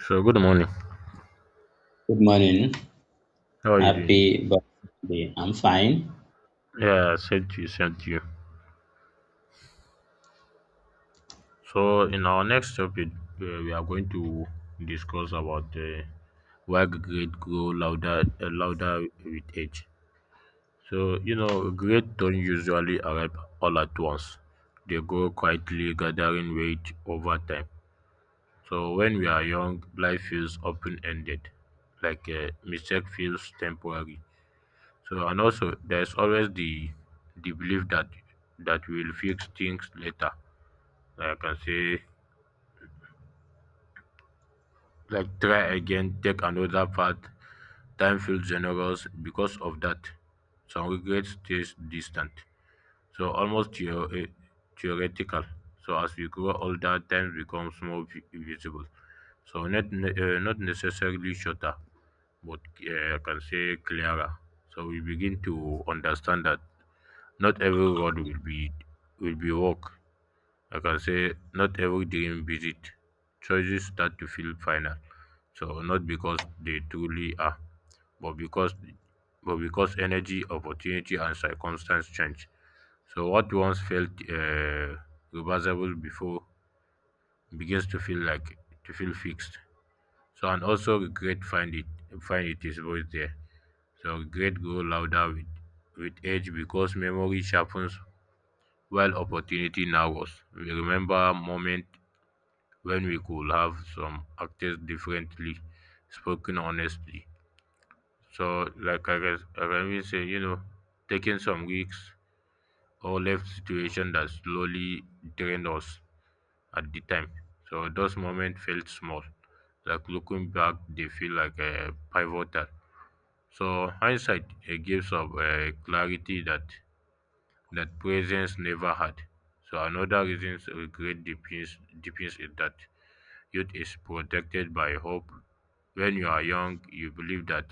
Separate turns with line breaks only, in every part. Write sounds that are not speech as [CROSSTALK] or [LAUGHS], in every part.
So, good morning.
Good morning.
How are you doing?
Happy birthday. I'm fine.
Yeah, sent you. So, in our next topic, we are going to discuss about why grades grow louder with age. So, grades don't usually arrive all at once. They grow quietly, gathering weight over time. So, when we are young, life feels open-ended, like a mistake feels temporary. So and also there's always the belief that we'll fix things later. Like I can say, like try again, take another path. Time feels generous because of that. Some regret stays distant. So almost theoretical. So as we grow older, time becomes more visible. So not necessarily shorter, but I can say clearer. So we begin to understand that not every road will be walk. I can say not every dream visit. Choices start to feel final. So not because they truly are, but because energy, opportunity, and circumstance change. So what once felt reversible before begins to feel fixed. So and also regret find it is voice there. So regret grow louder with age because memory sharpens while opportunity narrows. We remember moment when we could have some acted differently, spoken honestly. So, like I guess, like I mean, say, taking some risks or left situation that slowly drained us at the time. So those moments felt small. Like looking back, they feel like pivotal. So hindsight gives up clarity that presence never had. So another reason regret deepens is that youth is protected by hope. When you are young, you believe that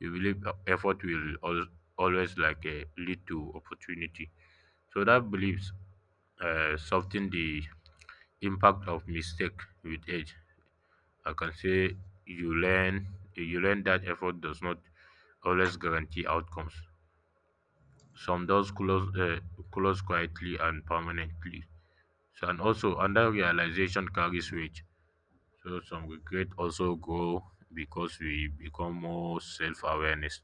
you believe effort will always, like lead to opportunity. So that beliefs soften the impact of mistake with age. I can say you learn you learn that effort does not always guarantee outcomes. Some doors close quietly and permanently. So, and also under realization carries weight. So some regret also grow because we become more self-awareness.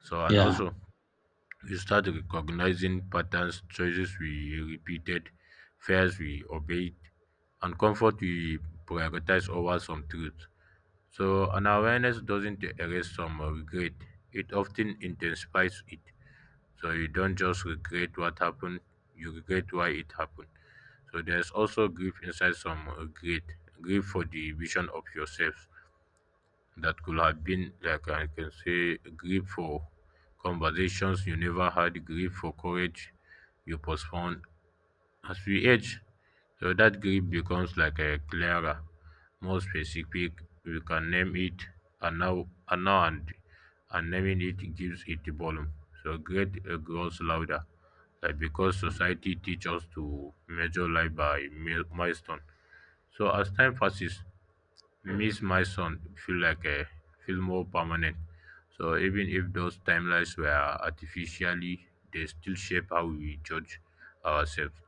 So and
Yeah.
also we start recognizing patterns, choices we repeated, fears we obeyed, and comfort we prioritize over some truth. So an awareness doesn't erase some regret. It often intensifies it. So you don't just regret what happened, you regret why it happened. So there's also grief inside some regret grief for the vision of yourself that could have been. Like I can say grip for conversations you never had, grip for courage you postponed. As we age, so that grip becomes like a clearer, more specific. We can name it, and now and now and naming it gives it volume. So great grows louder, like because society teaches us to measure life by milestone. So as time passes, Miss my son feel like a feel more permanent. So even if those timelines were artificially, they still shape how we judge ourselves,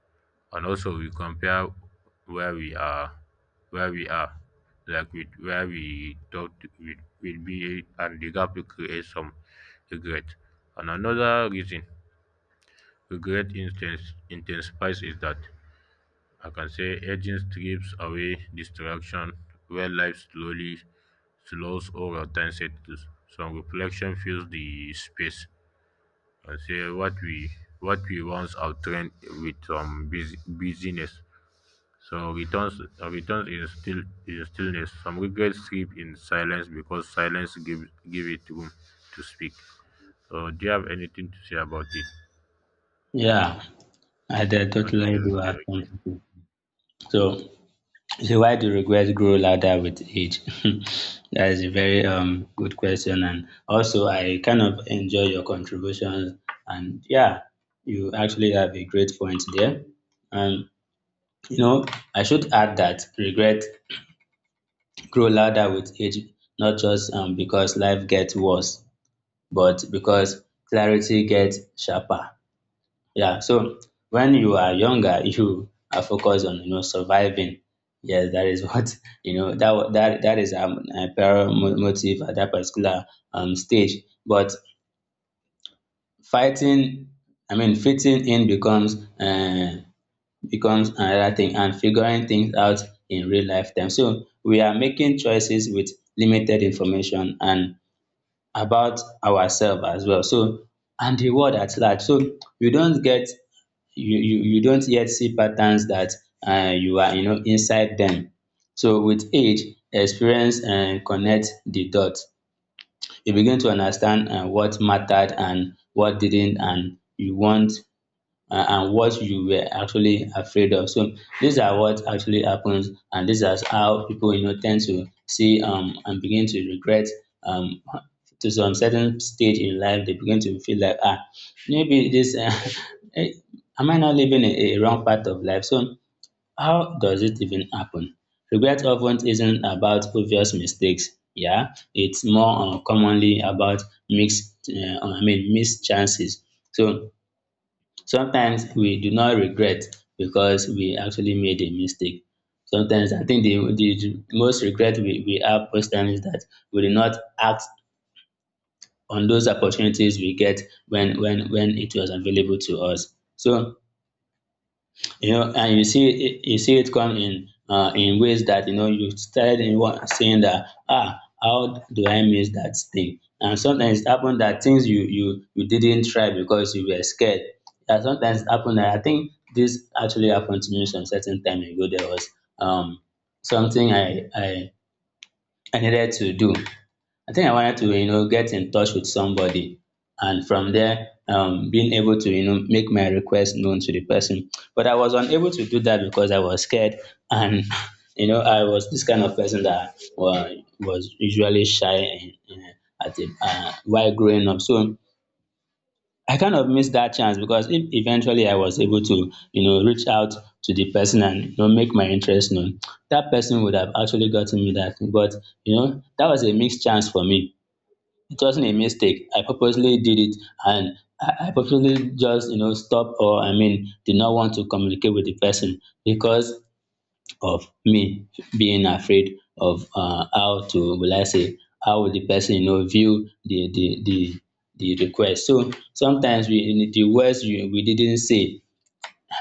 and also we compare where we are, where we are, like with where we thought we would be, and the gap will create some regret. And another reason regret instance intensifies is that I can say aging strips away distraction, where life slowly slows over time settles. Some reflection fills the space. I say what we once outtrained with some busyness. So returns in stillness. Some regrets sleep in silence because silence give it room to speak. So do you have anything to say about it?
Yeah. I did
Okay,
totally do
okay,
have
okay.
something. So, so why do regrets grow louder with age? [LAUGHS] That is a very good question. And also I kind of enjoy your contributions and yeah, you actually have a great point there. And you know, I should add that regret grow louder with age, not just because life gets worse but because clarity gets sharper. Yeah, so when you are younger, [LAUGHS] you are focused on surviving. Yes, that is [LAUGHS] what. That wa- that that is a paramount motive at that particular stage. But fighting, fitting in becomes another thing, and figuring things out in real lifetime. So we are making choices with limited information and about ourselves as well. So and the world at large. So you don't yet see patterns that you are inside them. So with age, experience and connect the dots. You begin to understand what mattered and what didn't, and you want and what you were actually afraid of. So these are what actually happens, and this is how people tend to see and begin to regret um to some certain stage in life. They begin to feel like ah maybe this [LAUGHS] eh, am I not living a wrong path of life? So how does it even happen? Regret often isn't about obvious mistakes. Yeah, it's more commonly about missed chances. So sometimes we do not regret because we actually made a mistake. Sometimes I think the most regret we have most times is that we did not act on those opportunities we get when it was available to us. So you see it come in ways that you started in one saying that ah how do I miss that thing, and sometimes it happened that things you didn't try because you were scared, and sometimes it happened that I think this actually happened to me some certain time ago. There was um something I needed to do. I think I wanted to, get in touch with somebody, and from there, being able to, make my request known to the person. But I was unable to do that because I was scared, and [LAUGHS] you know, I was this kind of person that was usually shy at while growing up. So I kind of missed that chance because if eventually I was able to, reach out to the person and make my interest known, that person would have actually gotten me that thing. But you know, that was a missed chance for me. It wasn't a mistake. I purposely did it, and I purposely just, stop or I mean, did not want to communicate with the person because of me being afraid of how to, will I say, how will the person, view the request. So sometimes the words we didn't say.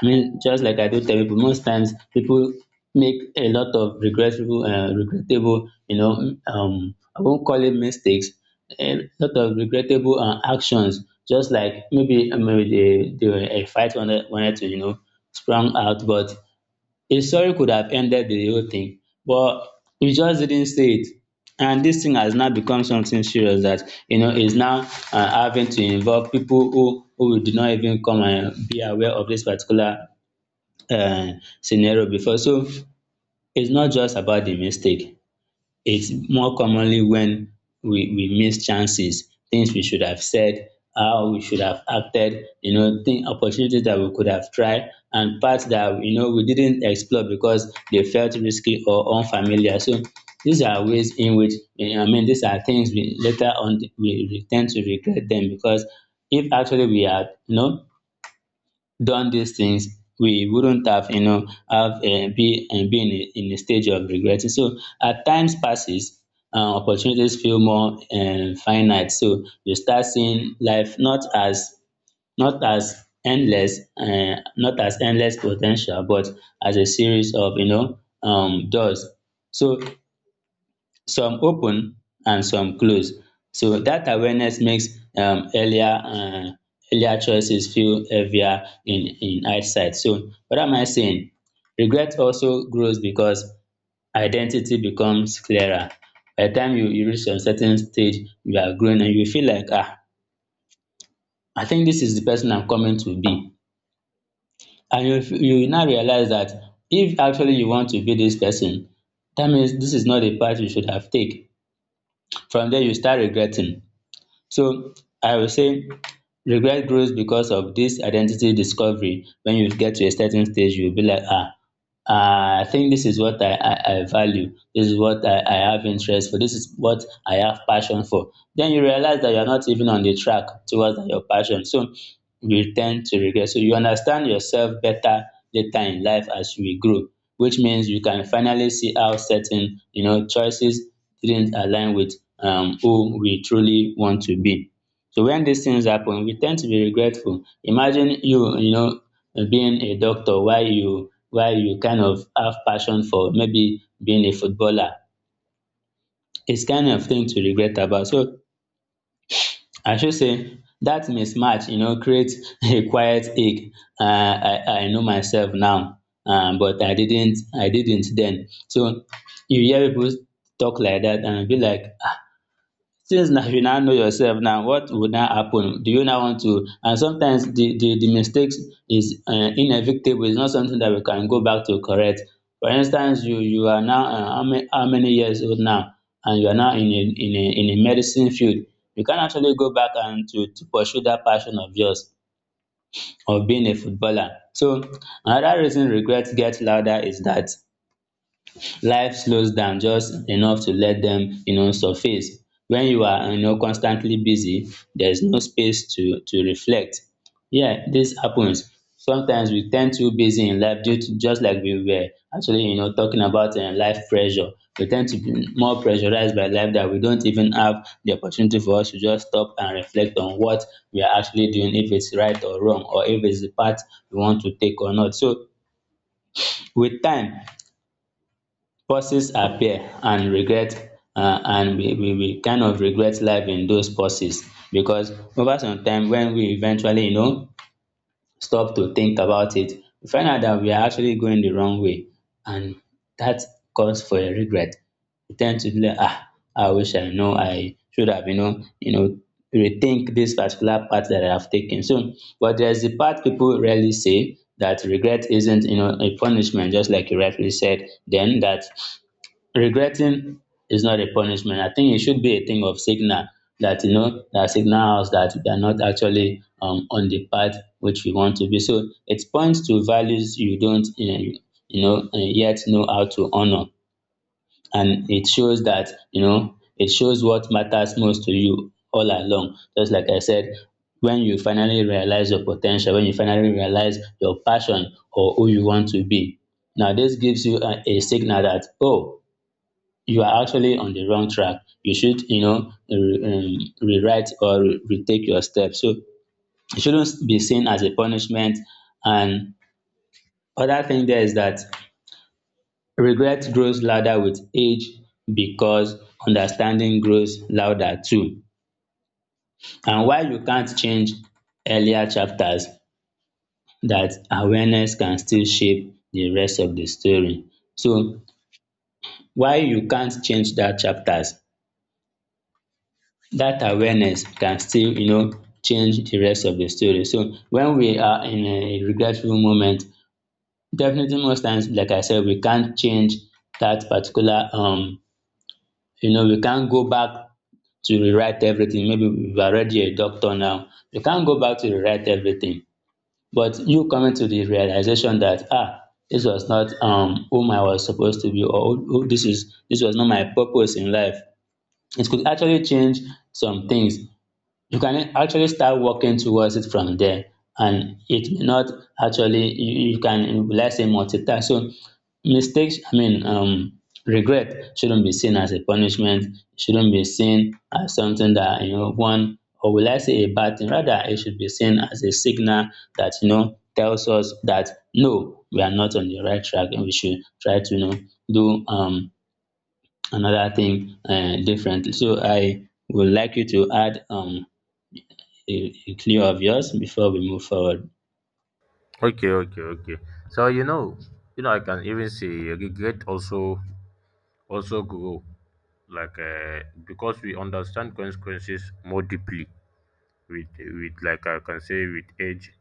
I mean, just like I do tell people, most times people make a lot of regrettable, I won't call it mistakes, a lot of regrettable actions. Just like maybe they were a fight wanted to sprung out, but a sorry could have ended the whole thing, but you just didn't say it. And this thing has now become something serious that is now having to involve people who did not even come and be aware of this particular uh, scenario before. So it's not just about the mistake. It's more commonly when we miss chances, things we should have said, how we should have acted, opportunities that we could have tried, and parts that we didn't explore because they felt risky or unfamiliar. So these are ways in which these are things we later on we tend to regret them because if actually we had done these things, we wouldn't have, you know, have be, and been in a stage of regretting. So as times passes, opportunities feel more finite. So you start seeing life not as endless, not as endless potential, but as a series of doors. So some open and some close, so that awareness makes um, earlier uh, earlier choices feel heavier in hindsight. So what am I saying? Regret also grows because identity becomes clearer. By the time you reach a certain stage, you are growing and you feel like ah, I think this is the person I'm coming to be, and you will now realize that if actually you want to be this person, that means this is not the path you should have take. From there you start regretting. So I will say regret grows because of this identity discovery. When you get to a certain stage, you will be like, I think this is what I value. This is what I have interest for. This is what I have passion for. Then you realize that you're not even on the track towards your passion. So you tend to regret. So you understand yourself better later in life as we grow, which means you can finally see how certain choices didn't align with who we truly want to be. So when these things happen we tend to be regretful. Imagine you know being a doctor while you kind of have passion for maybe being a footballer. It's kind of thing to regret about. So I should say that mismatch you know creates [LAUGHS] a quiet ache. um I I know myself now, but I didn't then. So you hear people talk like that and e be like, since now you now know yourself now, what would now happen, do you now want to? And sometimes the mistakes is inevitable. It's not something that we can go back to correct. For instance, you are now um how many years old now, and you are now in a in a in a medicine field. You can actually go back and to pursue that passion of yours of being a footballer. So another reason regret gets louder is that life slows down just enough to let them you know surface. When you are you know constantly busy, there's no space to reflect. Yeah, this happens. Sometimes we tend to busy in life, due to just like we were actually you know talking about life pressure. We tend to be more pressurized by life that we don't even have the opportunity for us to just stop and reflect on what we are actually doing, if it's right or wrong or if it's the path we want to take or not. So with time pauses appear, and regret and we kind of regret life in those pauses, because over some time when we eventually you know stop to think about it, we find out that we are actually going the wrong way, and that calls for a regret. We tend to be like ah, I wish I know. I should have rethink this particular path that I have taken. So but there's the part people rarely say, that regret isn't you know a punishment. Just like you rightly said then, that regretting is not a punishment. I think it should be a thing of signal, that you know that signal us that we are not actually on the path which we want to be. So it points to values you don't yet know how to honor, and it shows that you know it shows what matters most to you all along. Just like I said, when you finally realize your potential, when you finally realize your passion or who you want to be. Now this gives you a signal that oh, you are actually on the wrong track. You should, rewrite or retake your steps. So it shouldn't be seen as a punishment. And other thing there is that regret grows louder with age because understanding grows louder too. And while you can't change earlier chapters, that awareness can still shape the rest of the story. So while you can't change that chapters, that awareness can still change the rest of the story. So when we are in a regretful moment, definitely most times like I said, we can't change that particular we can't go back to rewrite everything. Maybe we've already a doctor now. We can't go back to rewrite everything, but you coming to the realization that ah, this was not whom I was supposed to be, or who this is, this was not my purpose in life. It could actually change some things. You can actually start working towards it from there. And it may not actually, you can, let's say, multitask. So mistakes, I mean, regret shouldn't be seen as a punishment. It shouldn't be seen as something that, one, or will I say, a bad thing, rather it should be seen as a signal that tells us that no, we are not on the right track, and we should try to do another thing differently. So I would like you to add a clue of yours before we move forward?
Okay, okay, okay. So I can even say regret also grow, like because we understand consequences more deeply with like I can say with age,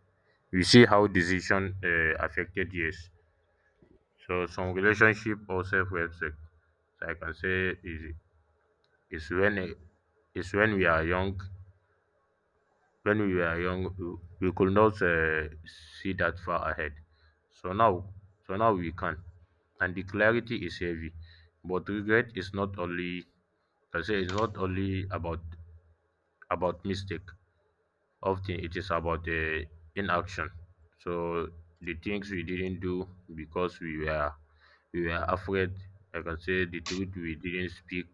we see how decision affected years. So some relationship or self respect. So I can say is when uh, is when we are young when we were young, we could not see that far ahead. So now so now we can, and the clarity is heavy. But regret is not only, like I say, it's not only about mistake. Often it is about inaction. So the things we didn't do because we were afraid, like I can say the truth we didn't speak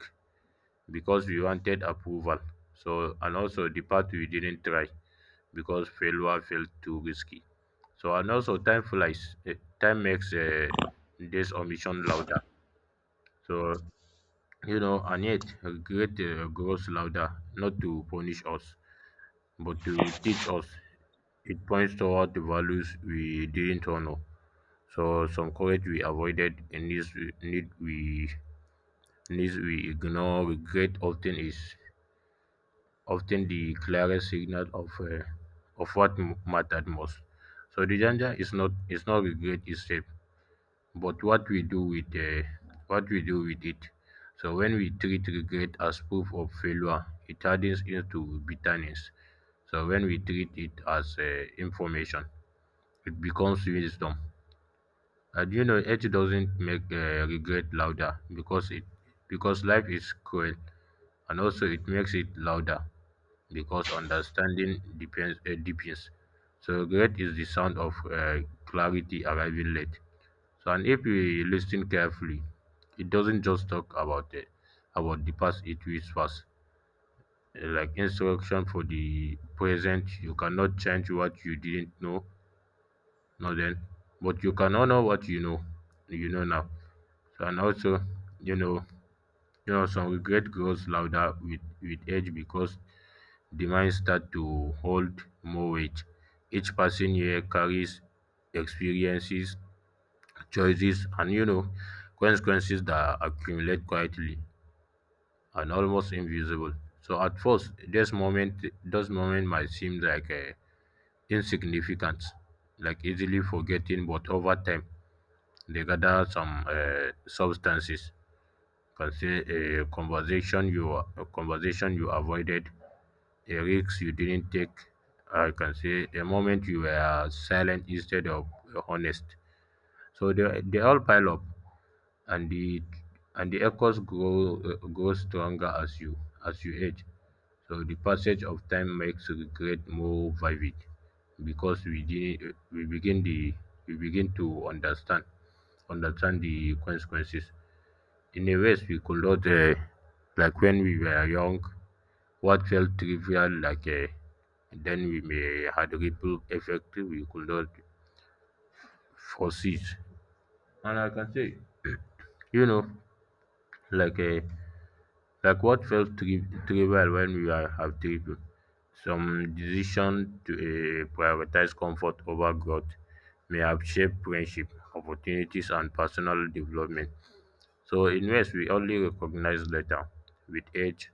because we wanted approval. So, and also the part we didn't try because failure felt too risky. So, and also time makes this omission louder. So, and yet regret grows louder, not to punish us, but to teach us. It points toward the values we didn't honor. So some courage we avoided, and needs we ignore. Regret often is often the clearest signal of what mattered most. So the danger is not regret itself, but what we do with it. So when we treat regret as proof of failure, it turns into bitterness. So when we treat it as information, it becomes wisdom. And it doesn't make regret louder because life is cruel, and also it makes it louder because understanding deepens. So regret is the sound of clarity arriving late. So and if we listen carefully, it doesn't just talk about the past. It whispers like instruction for the present. You cannot change what you didn't know, no then, but you can honor what you know now. So and also, you know, some regret grows louder with age because demand start to hold more weight. Each passing year carries experiences, choices, and consequences that accumulate quietly and almost invisible. So at first, those moment might seem like insignificant, like easily forgetting, but over time, they gather some substances. Can say a conversation you avoided, a risk you didn't take, I can say a moment you were silent instead of honest. So they all pile up, and the and the echoes grow stronger as you age. So the passage of time makes regret more vivid because we didn't we begin the we begin to understand the consequences in a ways we could not, like when we were young, what felt trivial, like a then we may had ripple effect we could not foresee. And I can say, you know, like a like what felt trivial when we are have tripping. Some decision to prioritize comfort over growth may have shaped friendship, opportunities, and personal development. So, in ways we only recognize later. With age,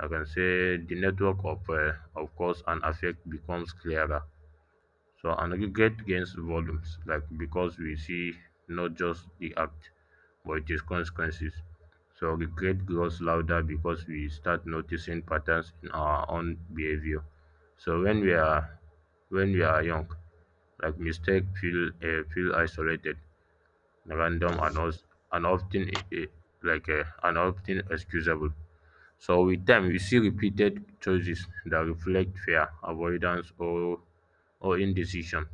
I can say the network of course, and affect becomes clearer. So and aggregate gains volumes, like because we see not just the act, but its consequences. So regret grows louder because we start noticing patterns in our own behavior. So when we are young, like mistake feel isolated, random, and also, and often uh, uh, and often excusable. So with time, we see repeated choices that reflect fear, avoidance, or indecision.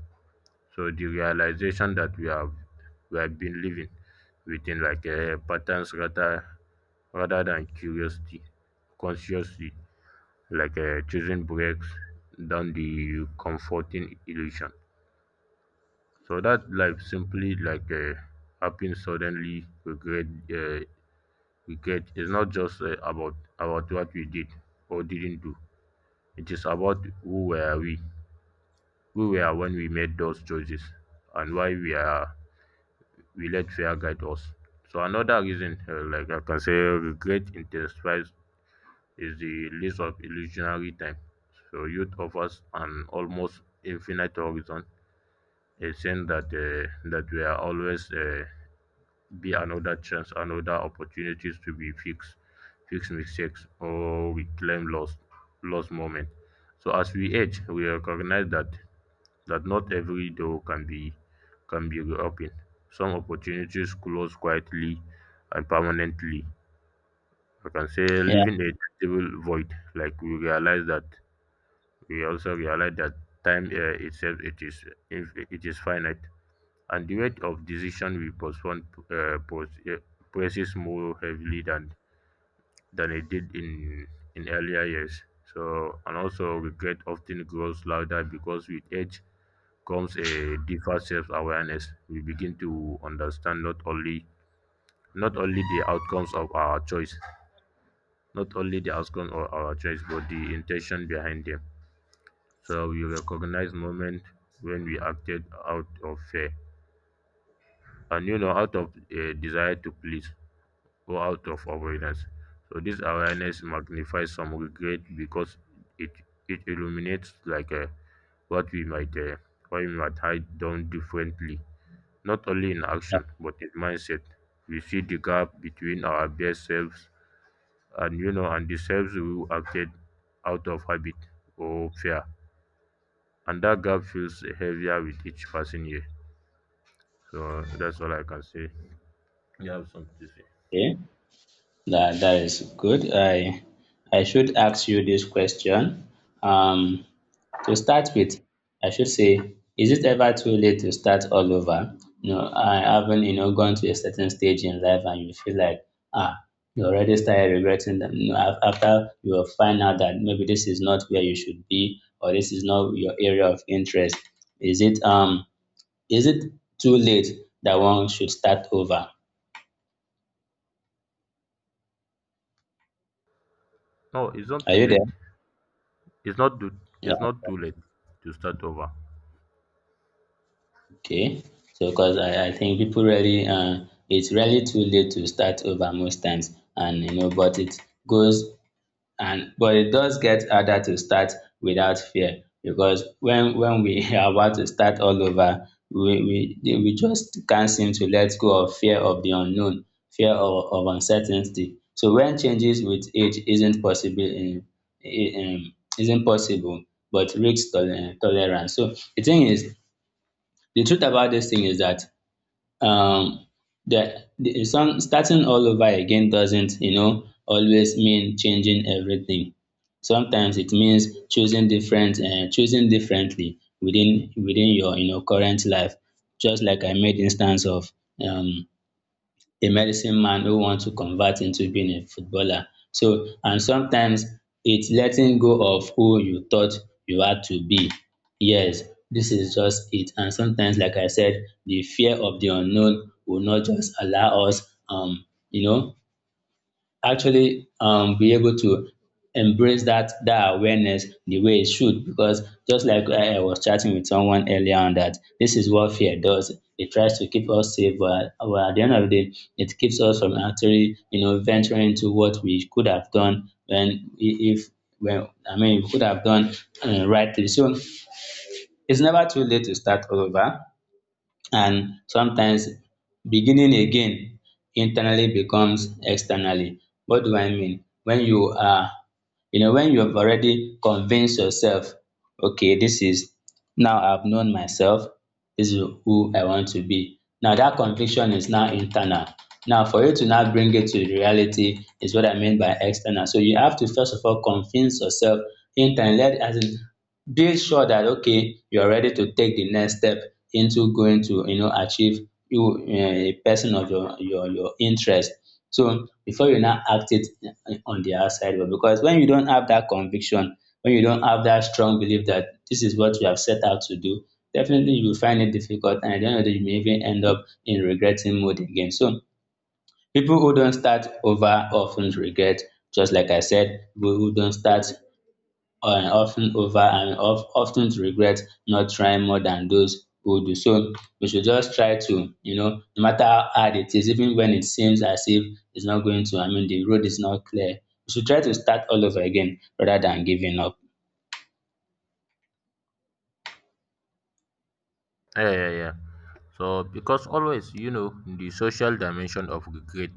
So the realization that we have been living within like a patterns rather than curiosity, consciously, like choosing breaks than the comforting illusion. So that life simply, like happens suddenly. Regret is not just about what we did or didn't do. It is about who we are when we made those choices, and why we let fear guide us. So another reason, like I can say, regret intensifies is the list of illusionary time. So youth offers an almost infinite horizon, a sense that we are always be another chance, another opportunities to be fix mistakes, or reclaim lost moment. So as we age, we recognize that not every door can be reopened. Some opportunities close quietly and permanently. I can say
Yeah,
leaving a tangible void, like we realize that we also realize that time itself, it is if it is finite, and the weight of decision we postpone presses more heavily than it did in earlier years. So and also regret often grows louder because with age comes a deeper self-awareness. We begin to understand not only the outcomes of our choice, not only the outcomes of our choice, but the intention behind them. So we recognize moment when we acted out of fear, and out of a desire to please or out of avoidance. So this awareness magnifies some regret because it it illuminates what we might why we might hide done differently not only in action but in mindset. We see the gap between our best selves and you know and the selves we acted out of habit or fear, and that gap feels heavier with each passing year. So that's all I can say. You have something to say?
okay. That that is good. I should ask you this question. Um, to start with, I should say, is it ever too late to start all over? You know, I haven't, you know, gone to a certain stage in life and you feel like, ah, you already started regretting them. You know, after you will find out that maybe this is not where you should be, or this is not your area of interest. Is it is it too late that one should start over?
No, it's not
Are
too
you there?
late. it's not too it's
Yeah.
not too late to start over.
Okay. So, because I think people really, it's really too late to start over most times, and you know, but it goes, and but it does get harder to start without fear, because when we [LAUGHS] are about to start all over, we just can't seem to let go of fear of the unknown, fear of uncertainty. So when changes with age isn't possible in, isn't possible, but risk tolerance. So the thing is, the truth about this thing is that um that the some starting all over again doesn't, you know, always mean changing everything. Sometimes it means choosing different choosing differently within your, you know, current life. Just like I made instance of, um a medicine man who wants to convert into being a footballer. So, and sometimes it's letting go of who you thought you had to be. Yes, this is just it. And sometimes, like I said, the fear of the unknown will not just allow us, you know, actually be able to embrace that that awareness the way it should, because just like I was chatting with someone earlier on that this is what fear does. It tries to keep us safe, but at the end of the day it keeps us from actually, you know, venturing into what we could have done when if, well I mean, we could have done rightly so. It's never too late to start all over, and sometimes beginning again internally becomes externally. What do I mean? When you are, you know, when you have already convinced yourself, okay, this is, now I've known myself, this is who I want to be, now that conviction is now internal. Now for you to now bring it to reality is what I mean by external. So you have to first of all convince yourself internally, as in, be sure that okay, you're ready to take the next step into going to, you know, achieve you, a person of your your interest. So before you now act it, on the outside world, because when you don't have that conviction, when you don't have that strong belief that this is what you have set out to do, definitely you will find it difficult, and at the end of the day you may even end up in regretting mood again. So people who don't start over often regret. Just like I said, people who don't start, and often over and of often to regret not trying, more than those who do. So we should just try to, you know, no matter how hard it is, even when it seems as if it's not going to, I mean, the road is not clear. We should try to start all over again rather than giving up.
Yeah, yeah, yeah. So because always, you know, the social dimension of regret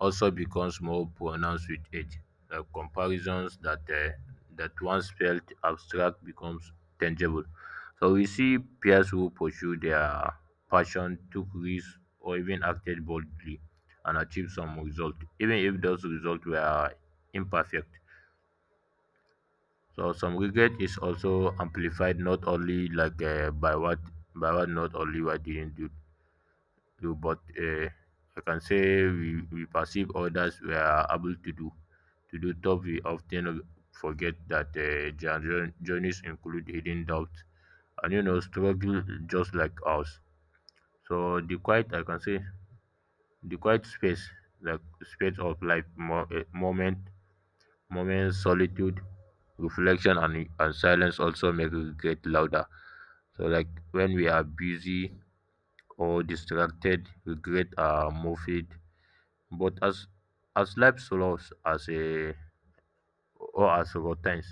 also becomes more pronounced with age, like comparisons that, that once felt abstract becomes tangible. So we see peers who pursue their passion, took risks, or even acted boldly and achieved some result, even if those results were imperfect. So some regret is also amplified not only by what, not only what they didn't do, but I can say we, perceive others were able to do. To do top, we often forget that their journeys include hidden doubts and struggle just like ours. So the quiet, I can say, the quiet space, like space of life, moment, solitude, reflection, and silence also make regret louder. So like when we are busy or distracted, regret are more fade. But as life slows, as a or as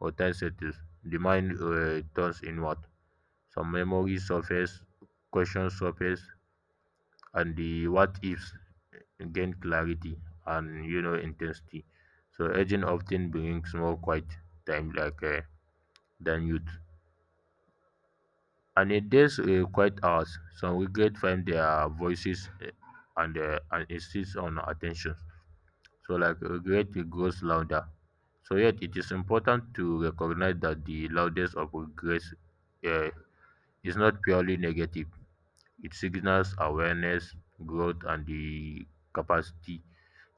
routine settles, the mind turns inward. Some memories surface, questions surface, and the what ifs gain clarity and intensity. So aging often brings more quiet time than youth. And in these quiet hours, some regret find their voices and and insist on attention. So like regret grows louder. So yet it is important to recognize that the loudness of regret uh, is not purely negative. It signals awareness, growth, and the capacity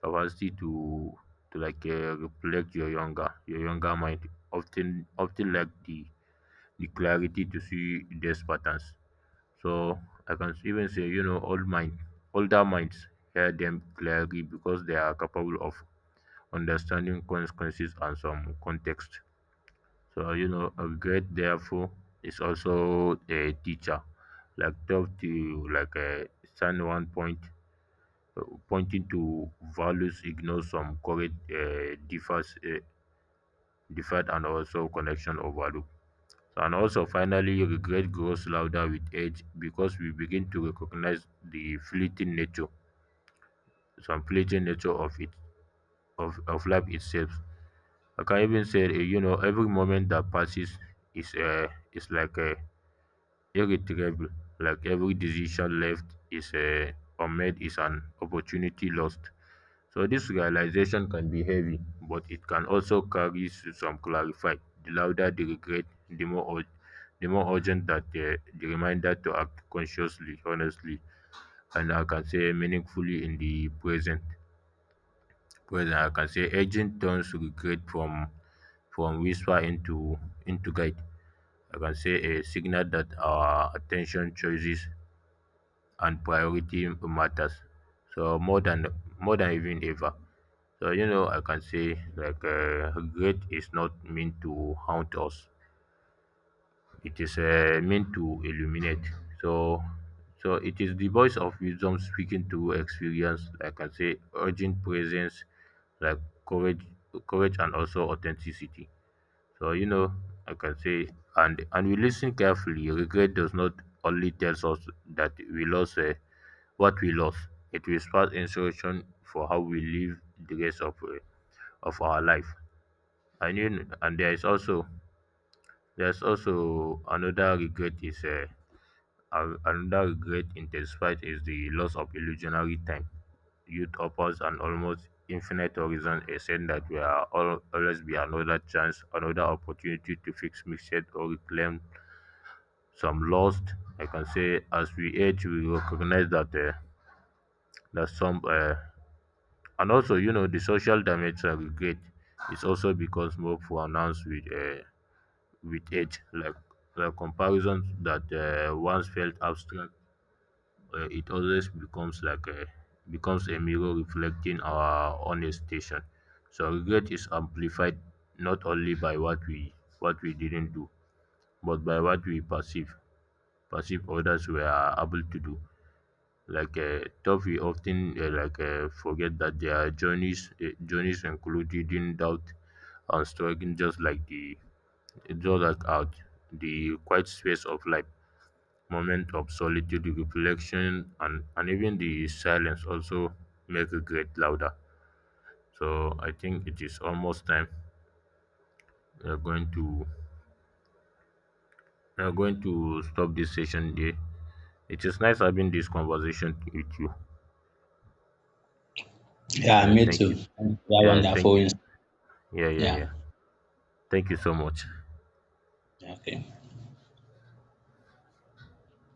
capacity to reflect your younger mind. Often like the clarity to see these patterns. So I can even say, you know, older minds hear them clearly because they are capable of understanding consequences and some context. So, you know, a great therefore is also a teacher, like tough to stand one point, uh, pointing to values, ignore some correct differed, and also connection overlook. And also, finally, regret grows louder with age because we begin to recognize the fleeting nature, some fleeting nature of it, of life itself. I can even say, you know, every moment that passes is irretrievable. Like every decision left is unmade is an opportunity lost. So this realization can be heavy, but it can also carry some clarify. The louder the regret, the more ur- the more urgent that the reminder to act consciously, honestly, and I can say meaningfully in the present, whether I can say aging turns regret from whisper into guide. I can say a signal that our attention, choices, and priority matters. So more than More than even ever. So, you know, I can say regret is not meant to haunt us. It is meant to illuminate. So so it is the voice of wisdom speaking to experience. I can say urgent presence, like courage courage and also authenticity. So, you know, I can say and we listen carefully. Regret does not only tells us that we lost what we lost. It will spark inspiration for how we live the rest of our life. And you know, and there's also another regret is another regret intensified is the loss of illusionary time. Youth offers an almost infinite horizon, a sense that there will always be another chance, another opportunity to fix mistakes or reclaim some lost. I can say, as we age, we recognize that some and also, you know, the social damage and regret is also becomes more pronounced with age, like the comparisons that once felt abstract, it always becomes like a becomes a mirror reflecting our own hesitation. So regret is amplified not only by what we didn't do, but by what we perceive others were able to do. Tough, we often forget that their journeys include reading doubt and struggling just like the, just like out the quiet space of life, moment of solitude, reflection, and even the silence also make regret louder. So I think it is almost time. We are going to we are going to stop this session there. It is nice having this conversation with you.
Yeah,
Yeah,
me
thank you.
too. Yeah,
Yeah, thank
wonderful.
you.
Ins-
Yeah, yeah,
Yeah,
yeah. Thank you so much.
okay.